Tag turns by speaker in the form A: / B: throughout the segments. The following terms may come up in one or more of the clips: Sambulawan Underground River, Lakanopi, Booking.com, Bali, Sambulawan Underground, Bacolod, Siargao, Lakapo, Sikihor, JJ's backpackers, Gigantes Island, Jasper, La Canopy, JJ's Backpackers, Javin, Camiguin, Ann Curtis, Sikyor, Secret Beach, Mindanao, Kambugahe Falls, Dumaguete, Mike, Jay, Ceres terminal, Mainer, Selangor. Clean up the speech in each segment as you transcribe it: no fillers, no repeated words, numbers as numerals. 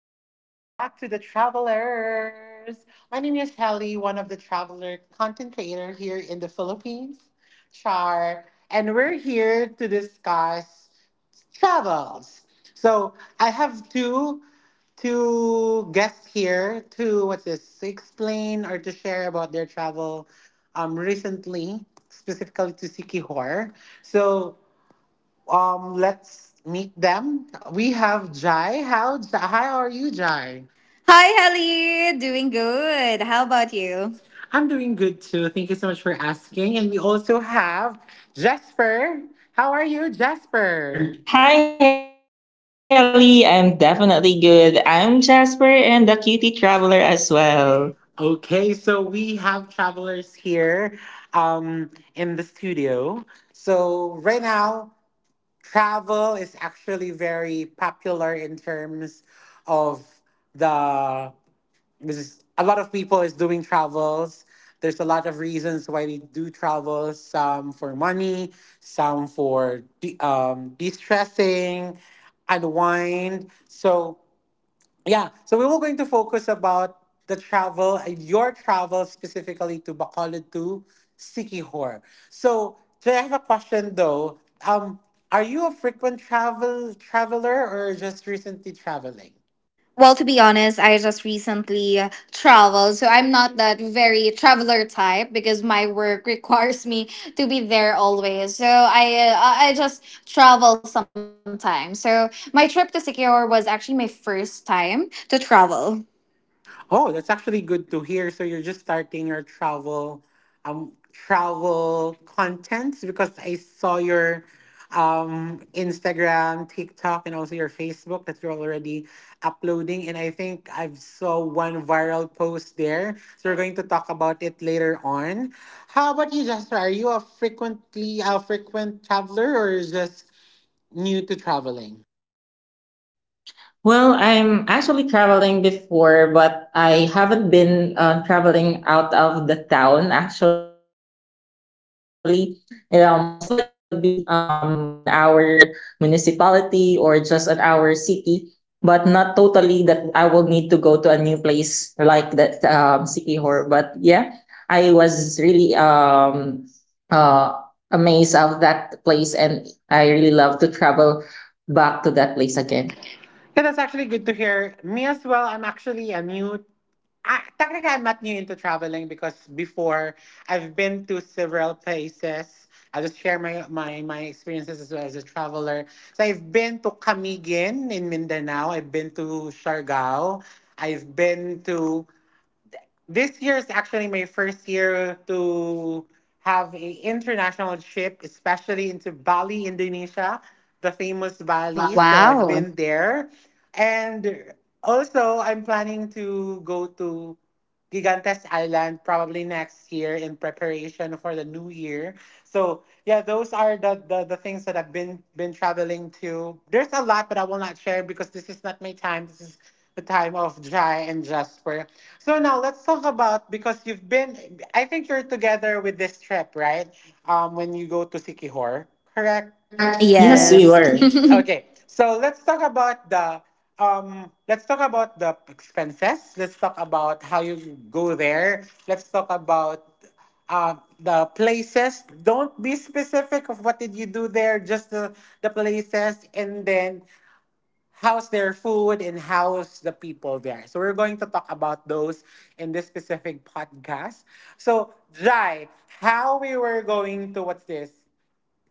A: Welcome back to the Travelers. My name is Helly, one of the Traveler content creator here in the Philippines, Char, and we're here to discuss travels. So I have two guests here to what's this explain or to share about their travel recently, specifically to Sikihor. So let's meet them. We have Jai. How Hi, how are you, Jai?
B: Hi, Helly. Doing good. How about you?
A: I'm doing good too. Thank you so much for asking. And we also have Jasper. How are you, Jasper?
C: Hi, Ellie. I'm definitely good. I'm Jasper and the cutie traveler as well.
A: Okay, so we have travelers here in the studio. So right now, travel is actually very popular in terms of the this a lot of people is doing travels. There's a lot of reasons why we do travel, some for money, some for de-stressing, unwind. So yeah, so we were going to focus about the travel and your travel specifically to Bacolod, to Sikihor. So do I have a question though. um, are you a frequent traveler or just recently traveling?
B: Well, to be honest, I just recently traveled, so I'm not that very traveler type because my work requires me to be there always. So I just travel sometimes. So my trip to Sikyor was actually my first time to travel.
A: Oh, that's actually good to hear. So you're just starting your travel, travel contents, because I saw your Instagram, TikTok, and also your Facebook that you're already uploading. And I think I've saw one viral post there. So we're going to talk about it later on. How about you, Jasper? Are you a frequently a frequent traveler or just new to traveling?
C: Well, I'm actually traveling before, but I haven't been traveling out of the town actually. You know, most likely it would be on our municipality or just on our city, but not totally that I will need to go to a new place like that city horror. But yeah, I was really uh, amazed of that place, and I really love to travel back to that place again.
A: Yeah, that's actually good to hear. Me as well. I'm actually a new I, technically, I'm not new into traveling because before I've been to several places. I'll just share my experiences as well as a traveler. So I've been to Camiguin in Mindanao. I've been to Siargao. I've been to This year is actually my first year to have a international trip, especially into Bali, Indonesia, the famous Bali. So I've
B: Wow.
A: been there. And also, I'm planning to go to Gigantes Island probably next year in preparation for the new year. So yeah, those are the things that I've been traveling to. There's a lot, but I will not share because this is not my time. This is the time of Jai and Jasper. So now let's talk about, because you've been, I think you're together with this trip, right? When you go to Sikihor, correct?
C: Yes, we
B: Yes.
C: were.
A: Okay. So let's talk about the expenses. Let's talk about how you go there. Let's talk about the places. Don't be specific of what did you do there, just the places, and then house their food and house the people there. So we're going to talk about those in this specific podcast. So Jai, how we were going to, what's this?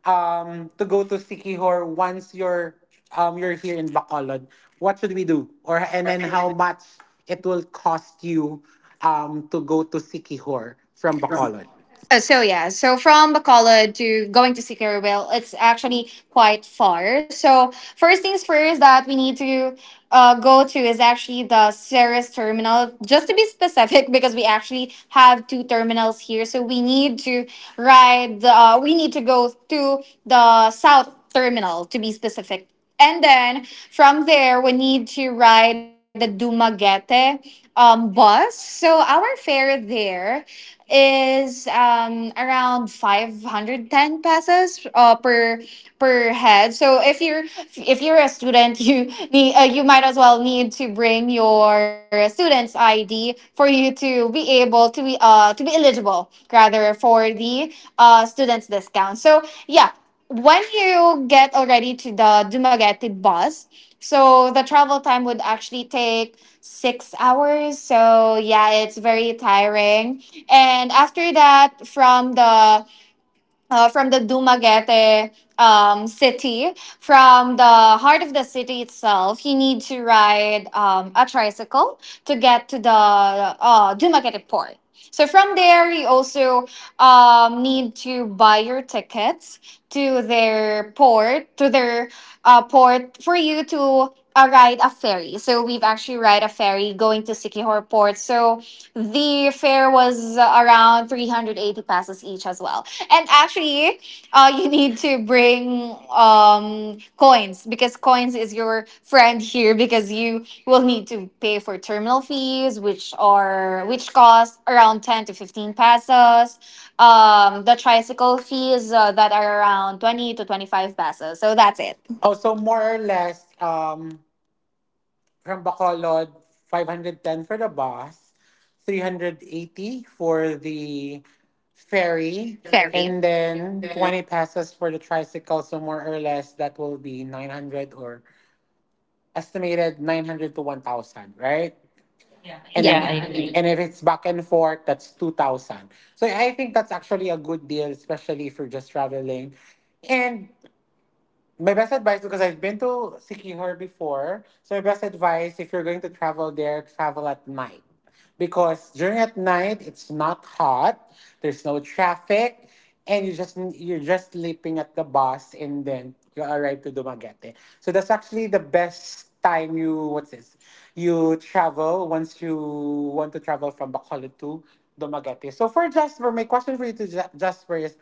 A: To go to Sikihor, once you're, you're here in Bacolod. What should we do? Or and then, how much it will cost you to go to Sikihor from Bacolod?
B: So yeah, so from Bacolod to going to Sicarville, it's actually quite far. So first things first that we need to go to is actually the Ceres terminal. Just to be specific, because we actually have two terminals here, so we need to ride. We need to go to the south terminal to be specific. And then from there, we need to ride the Dumaguete bus. So our fare there is around 510 pesos per head. So if you're a student, you need you might as well need to bring your student's ID for you to be able to be eligible rather for the student's discount. So yeah, when you get already to the Dumaguete bus, so the travel time would actually take 6 hours. So yeah, it's very tiring. And after that, from the Dumaguete city, from the heart of the city itself, you need to ride a tricycle to get to the Dumaguete port. So from there, you also need to buy your tickets to their port for you to ride a ferry. So we've actually ride a ferry going to Sikihor port. So the fare was around 380 pesos each as well. And actually, you need to bring coins because coins is your friend here because you will need to pay for terminal fees, which cost around 10 to 15 pesos. The tricycle fees that are around 20 to 25 pesos. So that's it.
A: Oh, so more or less, from Bacolod, 510 for the bus, 380 for the ferry,
B: Ferry.
A: and then 20 pesos for the tricycle. So more or less, that will be 900, or estimated 900 to 1,000, right? And
C: Yeah, I
A: then
B: Yeah.
C: agree.
A: and if it's back and forth, that's 2,000. So I think that's actually a good deal, especially if you're just traveling. And my best advice, because I've been to Sikihor before. So my best advice, if you're going to travel there, travel at night. Because during at night, it's not hot, there's no traffic, and you're just sleeping at the bus and then you arrive to Dumaguete. So that's actually the best time, you, what's this? You travel once you want to travel from Bacolod to Dumaguete. So for Jasper, my question for you to Jasper is,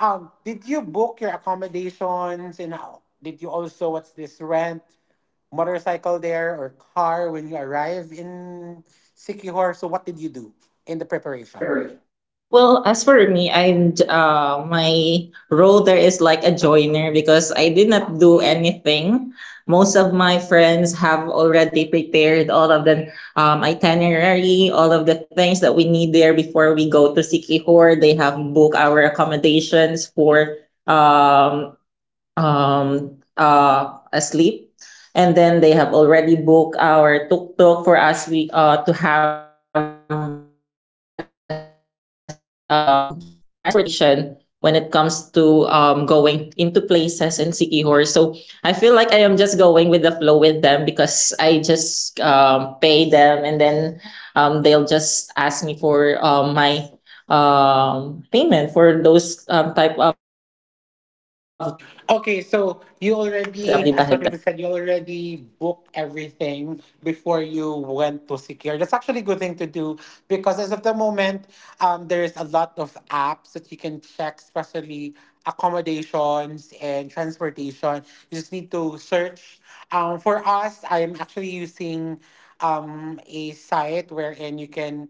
A: Did you book your accommodations, and did you also, what's this, rent motorcycle there or car when you arrive in Sikihor? So what did you do in the
C: In the
A: preparation?
C: preparation. Well, as for me, I'm my role there is like a joiner because I did not do anything. Most of my friends have already prepared all of the itinerary, all of the things that we need there before we go to Sikihor. They have booked our accommodations for um, asleep, and then they have already booked our tuk-tuk for us we to have a, a transportation when it comes to going into places in Sikihor. So I feel like I am just going with the flow with them because I just pay them, and then they'll just ask me for my payment for those type of things that they have already booked ahead of time.
A: Okay, so you already, as what you said, you already booked everything before you went to secure. That's actually a good thing to do because as of the moment, there's a lot of apps that you can check, especially accommodations and transportation. You just need to search. For us, I'm actually using a site wherein you can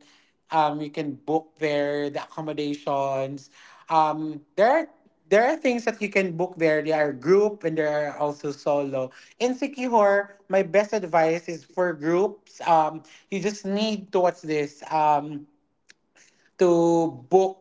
A: Um, you can book there the accommodations. Um, there are there are things that you can book there. There are group and there are also solo. In Sikihor, my best advice is for groups. You just need to watch this. To book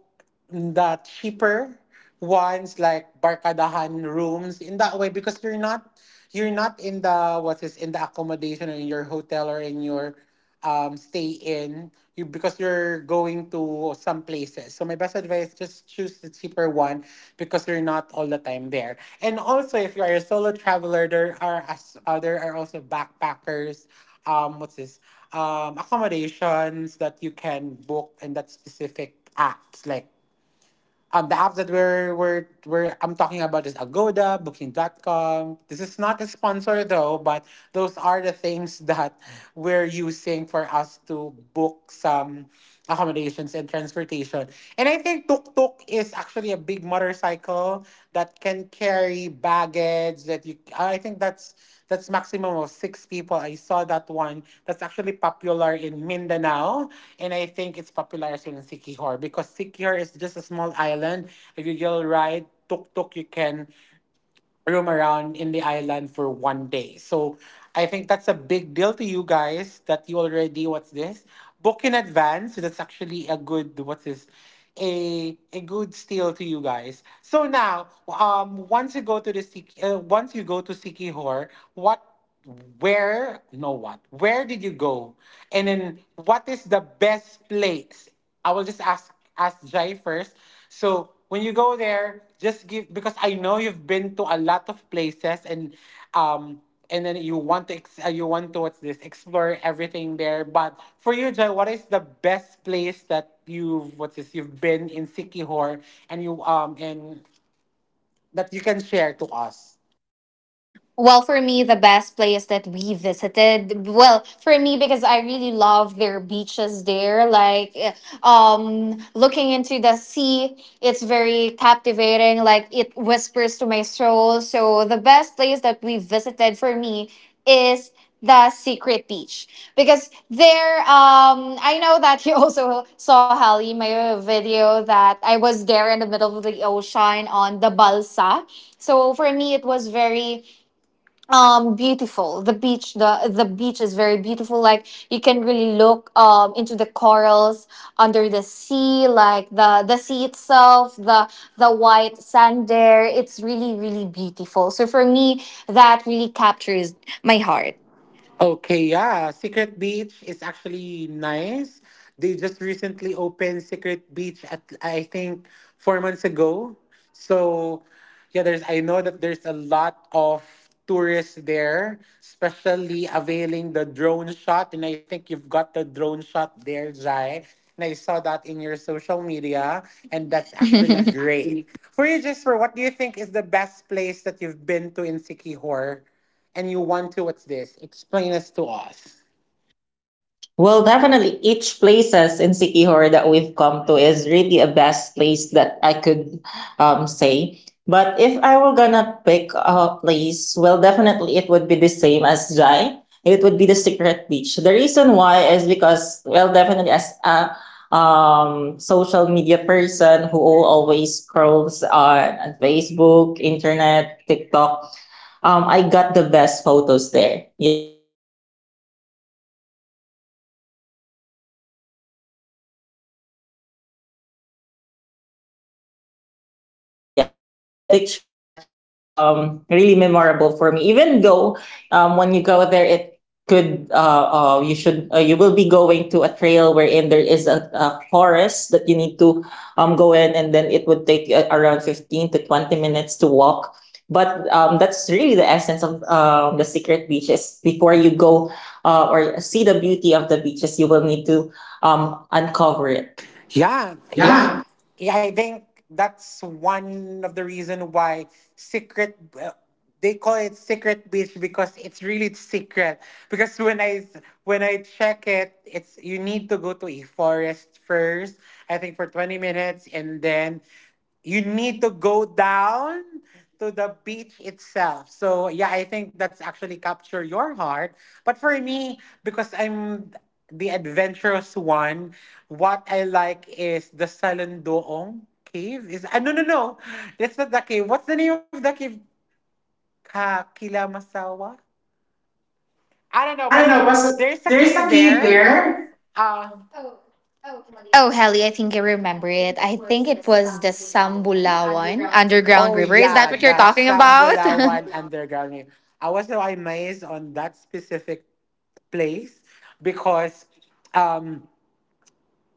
A: the cheaper ones like barkadahan rooms in that way, because you're not in the, what is, in the accommodation or in your hotel or in your stay in. You, because you're going to some places, so my best advice, just choose the cheaper one, because you're not all the time there. And also, if you are a solo traveler, there are also backpackers, what's this, accommodations that you can book in that specific apps. Like, the apps that we're I'm talking about is Agoda, Booking.com. This is not a sponsor though, but those are the things that we're using for us to book some accommodations and transportation. And I think tuk tuk is actually a big motorcycle that can carry baggage that you, I think that's maximum of six people. I saw that one. That's actually popular in Mindanao, and I think it's popular as well in Sikihor, because Sikihor is just a small island. If you will ride tuk tuk, you can roam around in the island for one day. So I think that's a big deal to you guys, that you already, what's this, book in advance. So that's actually a good, what's this, a good steal to you guys. So now, once you go to the once you go to Sikihor, what, where, no, what, where did you go, and then what is the best place? I will just ask Jai first. So when you go there, just give, because I know you've been to a lot of places, um and then you want to you want to, what's this, explore everything there. But for you, Jai, what is the best place that you've, what's this, you've been in Sikihor and you and that you can share to us?
B: Well, for me, the best place that we visited, well, for me because I really love their beaches there. Looking into the sea, it's very captivating. Like, it whispers to my soul. So, the best place that we visited for me is the secret beach because there I know that you also saw Hallie, my video that I was there in the middle of the ocean on the balsa. So for me it was very beautiful, the beach, the beach is very beautiful. Like, you can really look into the corals under the sea, like the sea itself, the white sand there, it's really really beautiful. So for me, that really captures my heart.
A: Okay, yeah. Secret Beach is actually nice. They just recently opened Secret Beach at, I think, 4 months ago. So yeah, there's I know that there's a lot of tourists there, especially availing the drone shot. And I think you've got the drone shot there, Jai. And I saw that in your social media, and that's actually great. For you, Jasper, what do you think is the best place that you've been to in Sikihor? And you want to, what's this, explain this to us.
C: Well, definitely each places in Sikihor that we've come to is really a best place that I could say. But if I were gonna pick a place, well, definitely it would be the same as Jai. It would be the Secret Beach. The reason why is because, well, definitely as a social media person who always scrolls on Facebook, internet, TikTok, I got the best photos there. Yeah, I could really tell that but based on the drones, based on the pictures that I got, the best photos was captured there, and that was really memorable for me. Even though when you go there, it could you should you will be going to a trail wherein there is a forest that you need to go in, and then it would take around 15 to 20 minutes to walk, but that's really the essence of the secret beaches. Before you go or see the beauty of the beaches, you will need to uncover it.
A: Yeah, yeah, yeah,
C: Yeah.
A: I think that's one of the reason why secret they call it Secret Beach, because it's really secret, because when I check it, it's, you need to go to a forest first, I think for 20 minutes, and then you need to go down to the beach itself. So yeah, I think that's actually capture your heart. But for me, because I'm the adventurous one, what I like is the Salandoong cave. No, no, no. That's not the cave. What's the name of the cave? Ka Kilamasawa? I don't know,
C: I
A: but
C: don't know.
A: so,
C: What's the,
A: there's a
C: there's
A: cave
C: a cave
A: there.
C: there.
A: Uh,
B: Oh, Helly, I think I remember it. I think it was the Sambulawan Underground
A: oh
B: River. Is that
A: yeah,
B: what you're
A: the
B: talking about?
A: Sambulawan Underground. Rail. I was so amazed on that specific place, because um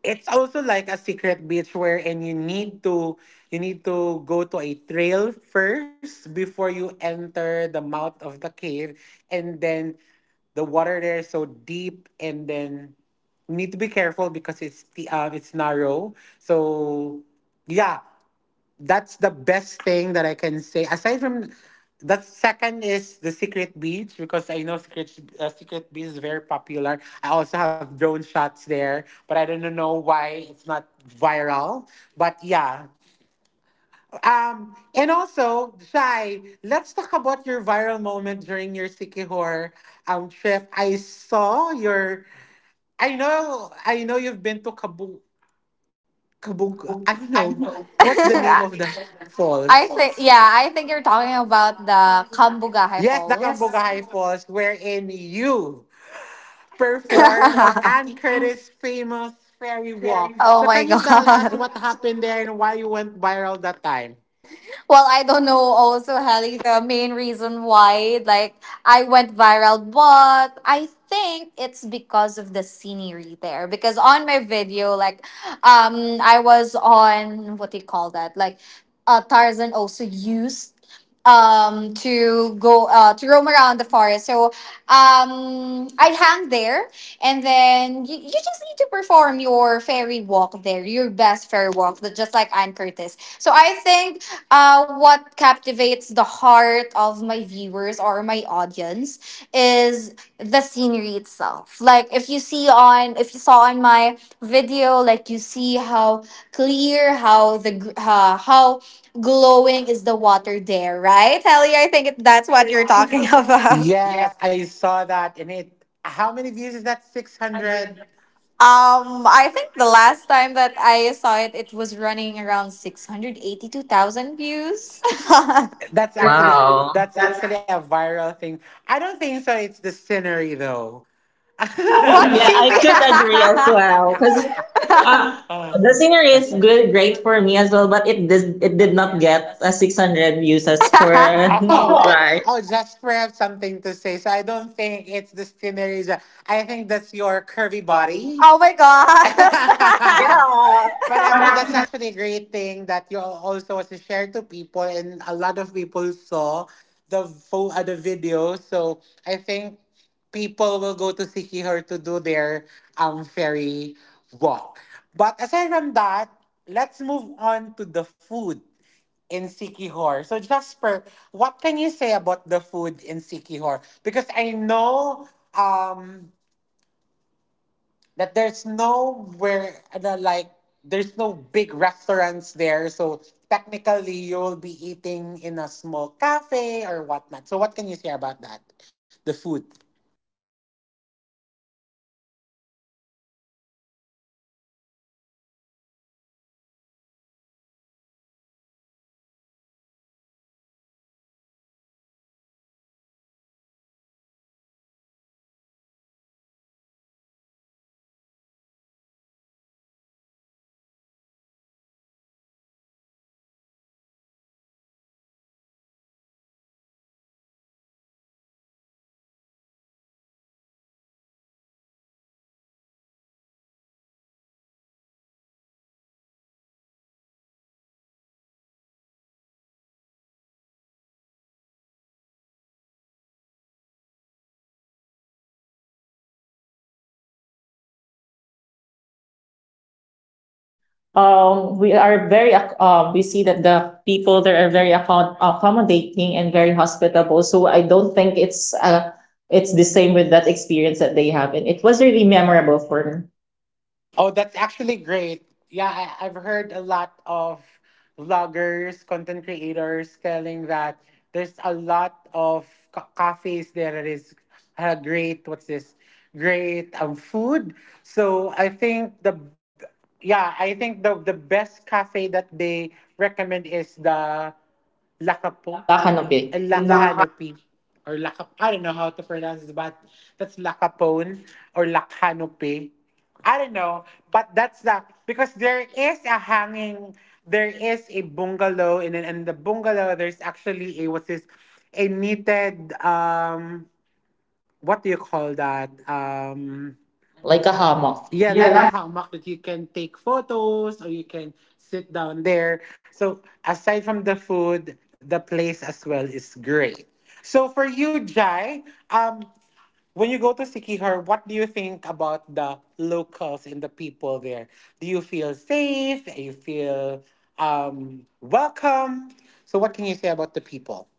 A: it's also like a secret beach, wherein you need to go to a trail first before you enter the mouth of the cave, and then the water there is so deep, and then you need to be careful, because it's narrow. So yeah, that's the best thing that I can say. Aside from that, second is the Secret Beach, because I know Secret Beach is very popular. I also have drone shots there, but I don't know why it's not viral. But yeah, and also, Shai, let's talk about your viral moment during your Sikihor trip. I saw your. I know, you've been to Kabu. Kabunk. I don't know. What's the name of the
C: I
B: I
A: falls?
C: think
B: think yeah, I think you're talking about the Kambugahe
A: Yes, the
B: Falls.
A: Kambugahai Falls, wherein you performed Ann Curtis' famous fairy walk.
B: Oh
A: So,
B: my
A: can you tell us
B: god.
A: what happened there and why you went viral that time?
B: Well, I don't know also, Helly, the main reason why, like, I went viral, but I think it's because of the scenery there. Because on my video, like, I was on, what do you call that? Like, Tarzan also used to go to roam around the forest. So I'd hang there, and then you just need to perform your fairy walk there, your best fairy walk, just like Anne Curtis. So I think what captivates the heart of my viewers or my audience is the scenery itself. Like, if you see on, if you saw on my video, like, you see how clear, how how glowing is the water there, right? Helly, I think it, that's what you're talking about.
A: Yes, I saw that, and it. How many views is that? 600.
B: I think the last time that I saw it, it was running around 682,000 views. What
A: That's actually
C: Wow.
A: that's
C: That's
A: actually a viral thing. I don't think so. It's the scenery though.
B: do
C: Yeah,
B: you
C: I
B: mean?
C: could agree as well. Because uh, the scenery is good, great for me as well, but it did not get 600 views as for
A: Oh, oh,
C: Oh. right.
A: oh, just for have something to say. So I don't think it's the skinnerism. I think that's your curvy
B: Big body.
A: body.
B: Oh my god.
C: Yeah.
A: But
C: But
A: actually, that's
C: actually,
A: actually a great thing that you also was to share to people, and a lot of people saw the video. So I think people will go to Sikihor to do their ferry walk. But aside from that, let's move on to the food in Sikihor. So Jasper, what can you say about the food in Sikihor? Because I know um that there's nowhere like there's no big restaurants there, so technically you'll be eating in a small cafe or whatnot. So what can you say about that, the food?
C: that's Well, definitely, if you are talking about the food in Sikihor, then you should also bring a lot of money because here in Bacolod, we could be able to purchase a lot of food with just few funds. But there in Sikihor, it would sound a little pricey. So I highly suggest that when you travel to Sikihor, you have already saved a lot of money so that you could be able to enjoy the food. But yes, we definitely have or stayed in the La Canopy, wherein we were able to um, experience the good ambience, including the great food that they provided. We saw a comment in the Google that the staff there is not good, but when we are there, we are very we see that the people there are very accommodating and very hospitable. So I don't think it's the same with that experience that they have, and it was really memorable for me.
A: Oh, that's actually great. Yeah, I've heard a lot of vloggers, content creators telling that there's a lot of cafes there that is great. What's this? Great food. So I think the yeah, I think the best cafe that they recommend is the
C: The
A: Lakapo
C: La Canopy,
A: and
C: and the,
A: Lakanopi. Or Lakap, I don't know how to pronounce it, but that's Lakapone or Lakanopi. I don't know, but that's the, because there is a hanging, there is a bungalow, and in the bungalow there's actually a, what's this, a knitted what do you call that,
C: like a hammock.
A: yeah, like
C: Yeah,
A: a
C: that
A: hammock that you can take photos or you can sit down there. So, aside from the food, the place as well is great. So, for you, Jai, um, when you go to Sikihor, what do you think about the locals and the people there? Do you feel safe? Do you feel welcome? So, what can you say about the people?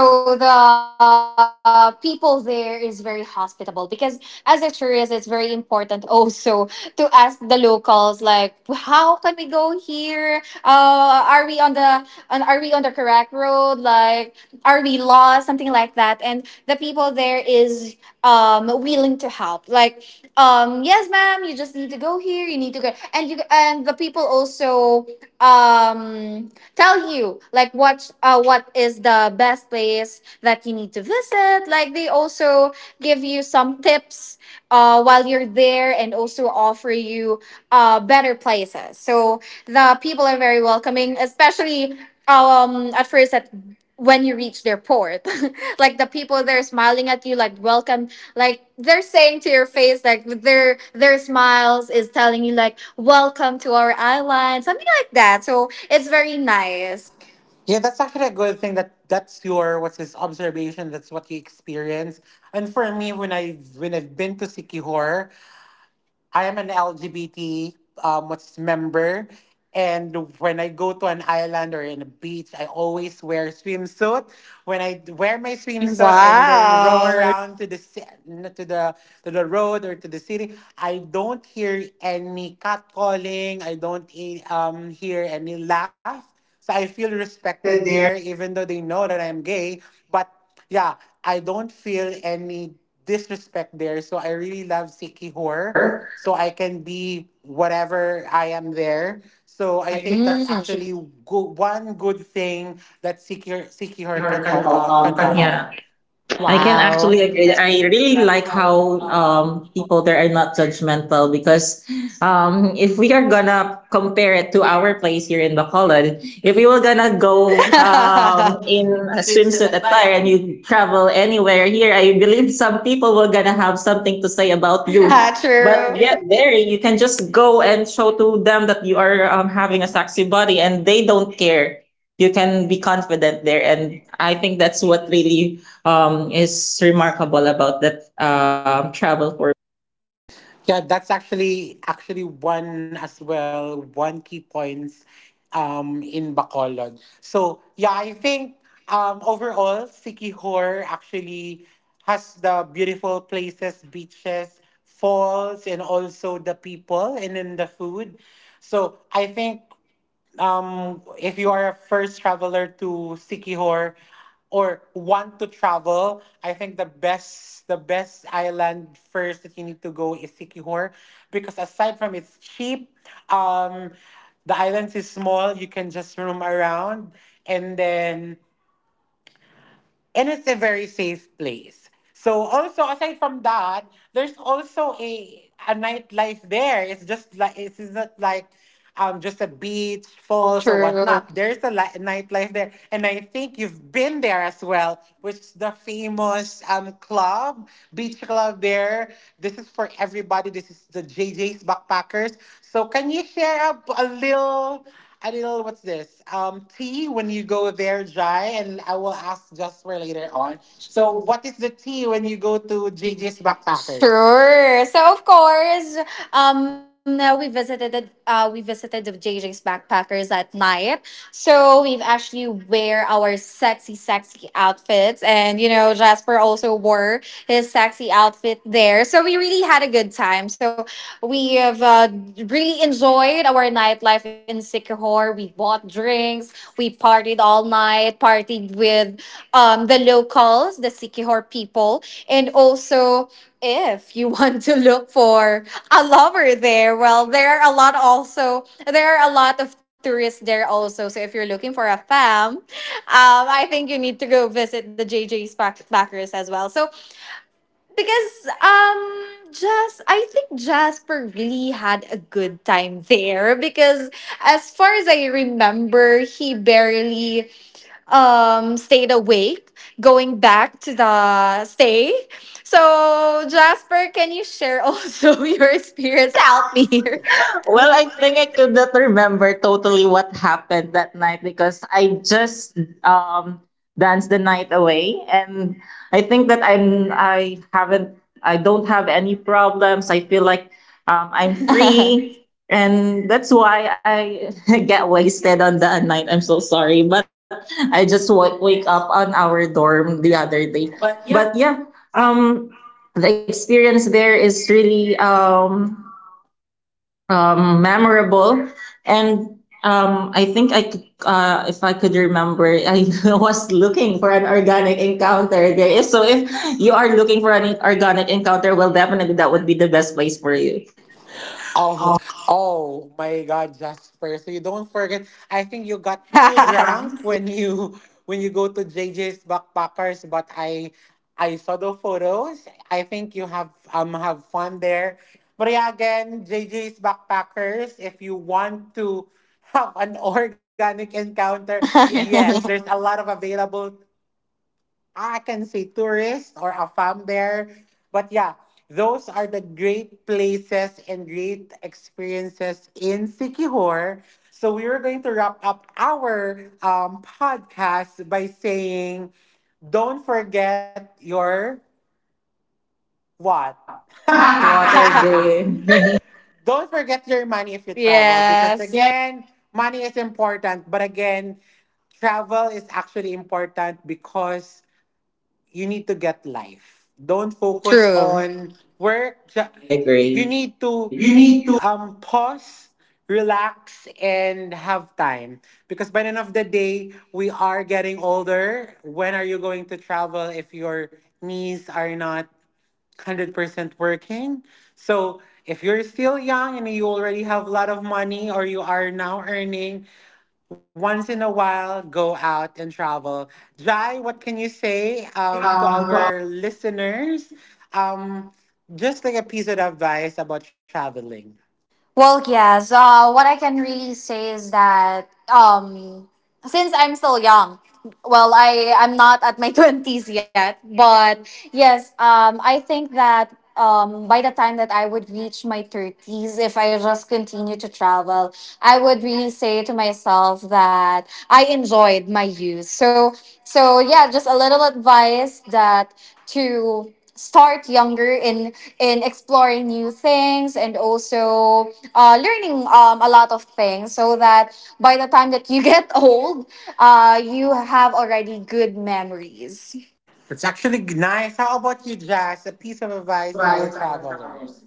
B: So the people there is very hospitable because as a tourist it's very important also to ask the locals, like, how can we go here, are we on the are we on the correct road, like, are we lost, something like that. And the people there is willing to help, like, yes ma'am, you just need to go here, you need to go, and you. And the people also um tell you like what, what is the best place that you need to visit. Like, they also give you some tips while you're there, and also offer you better places. So the people are very welcoming, especially at first, at when you reach their port, like the people there smiling at you like welcome, like they're saying to your face, like with their smiles is telling you like welcome to our island, something like that. So it's very nice.
A: Yeah, that's actually a good thing, that that's your what's his observation. That's what you experience. And for me, when I've been to Sikihor, I am an LGBT what's member, and when I go to an island or in a beach, I always wear swimsuit. When wear my swimsuit and then roam
B: Wow.
A: around to the ci- n- to the road or to the city, I don't hear any catcalling. I don't hear any laugh. So I feel respected
C: respected
A: there,
C: their
A: even though they know that I'm gay. But yeah, I don't feel any disrespect there. So I really love Sikihor.
C: work,
A: So I can be whatever I am there. So I think that's
B: Mm.
A: actually one good thing that Sikihor
C: secure
A: can
C: can,
A: can
C: can.
A: offer.
C: Yeah. I can
B: Wow.
C: actually agree. I really like how people there are not judgmental because if we are gonna compare it to our place here in Bacolod, if we were gonna go in a swimsuit attire and you travel anywhere here, I believe some people were gonna have something to say about you. But
B: True.
C: yet there, you can just go and show to them that you are having a sexy body, and they don't care. You can be confident there, and I think that's what really is remarkable about that travel for
A: Yeah, that's actually actually one as well, one key points in Bacolod. So yeah, I think overall Sikihor actually has the beautiful places, beaches, falls, and also the people and then the food. So I think, if you are a first traveler to Sikihor or want to travel, I think the best island first that you need to go is Sikihor, because aside from it's cheap, um, the island is small. You can just roam around, and then, and it's a very safe place. So also aside from that, there's also a nightlife there. It's just like, it's not like just a beach, falls or
B: True.
A: whatnot. There's a nightlife there, and I think you've been there as well, which is the famous club, beach club there. This is for everybody. This is the JJ's Backpackers. So can you share a little? I did a little, what's this? Tea when you go there dry, and I will ask just for later on. So, what is the tea when you go to JJ's
B: Genius practice.
A: Backpackers?
B: Sure. So of course, we visited the JJ's backpackers at night. So we've actually wear our sexy, sexy outfits, and you know Jasper also wore his sexy outfit there. So we really had a good time. So we have really enjoyed our nightlife in Sycamore. We bought drinks, we partied all night, partied with the locals, the Sikihor people. And also, if you want to look for a lover there, well, there are a lot also, there are a lot of tourists there also. So if you're looking for a fam, I think you need to go visit the JJ's backers as well. So because Jas, I think Jasper really had a good time there, because as far as I remember, he barely stayed awake going back to the stay. So, Jasper, can you share also your experience? Help me here.
C: Well, I think I could not remember totally what happened that night because I just um danced the night away, and I think that I don't have any problems. I feel like I'm free, and that's why I get wasted on that night. I'm so sorry, but I just wake up on our dorm the other day. But yeah, um, the experience there is really memorable. And I think I could, if I could remember, I was looking for an organic encounter there. If so, if you are looking for an organic encounter, well, definitely that would be the best place for you.
A: Oh, oh my God, Jasper! So you don't forget. I think you got too drunk when you go to JJ's Backpackers. But I saw the photos. I think you have fun there. But yeah, again, JJ's Backpackers. If you want to have an organic encounter, yes, there's a lot of available, I can say, tourists or a fam there. But yeah, those are the great places and great experiences in Sikihor. So we are going to wrap up our podcast by saying, don't forget your what?
C: Why? Water Bay.
A: Don't forget your money if you travel, because
B: Yes.
A: again, money is important. But again, travel is actually important because you need to get life. Don't focus
B: True.
A: on work. You
C: I
A: need to
C: agree. You need to
A: pause, relax, and have time. Because by the end of the day, we are getting older. When are you going to travel if your knees are not 100% working? So if you're still young and you already have a lot of money or you are now earning, once in a while go out and travel. Jai, what can you say, to
C: say
A: our listeners? Um, just like a piece of advice about traveling.
B: Well, yes. What I can really say is that since I'm still young, well, I'm not at my 20s yet, but yes, I think that by the time that I would reach my 30s, if I just continue to travel, I would really say to myself that I enjoyed my youth. So so yeah, just a little advice that to start younger in exploring new things, and also learning a lot of things, so that by the time that you get old, you have already good memories.
A: It's actually nice. How about you, Jazz? A piece of
C: to
A: advice to our
C: advise our
A: travelers.
C: travel.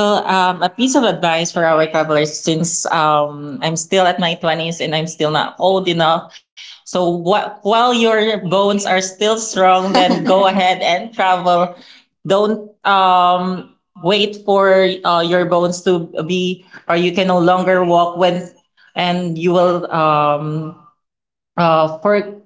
C: Well, a piece of advice for our travelers since I'm still at my 20s and I'm still not old enough. So while your bones are still strong, then go ahead and travel. Don't wait for your bones to be, or you can no longer walk when, and you will for,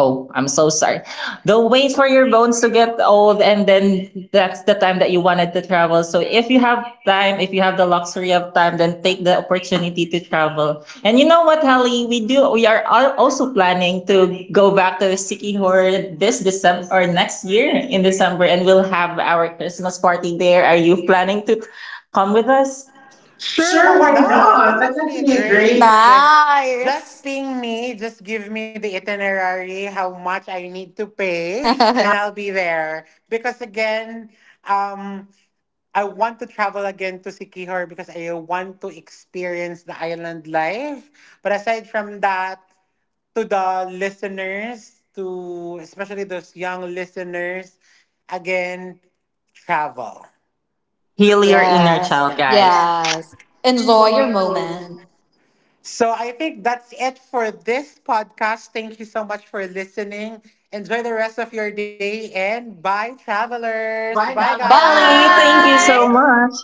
C: Oh, I'm so sorry. Don't wait for your bones to get old, and then that's the time that you wanted to travel. So, if you have time, if you have the luxury of time, then take the opportunity to travel. And you know what, Hallie, we do. We are also planning to go back to Sikihor this December or next year in December, and we'll have our Christmas party there. Are you planning to come with us?
A: Sure,
C: Sure,
A: why
C: why
A: not?
C: not?
A: That's
C: That's
A: actually a
C: actually a
A: great.
B: Nice.
C: great
A: What's this? Just ping me. Just give me the itinerary, how much I need to pay, and I'll be there. Because again, um, I want to travel again to Sikihor because I want to experience the island life. But aside from that, to the listeners, to especially those young listeners, again, travel.
C: Heal your inner
B: Yes.
C: child, guys. Yeah.
B: Yes. Enjoy
C: Enjoy
B: your
C: your
B: moment.
C: own.
A: So I think that's it for this podcast. Thank you so much for listening. Enjoy the rest of your day and bye, travelers. Bye,
C: Bye,
B: Bye.
C: Ellie. Thank you so
A: guys.
C: much.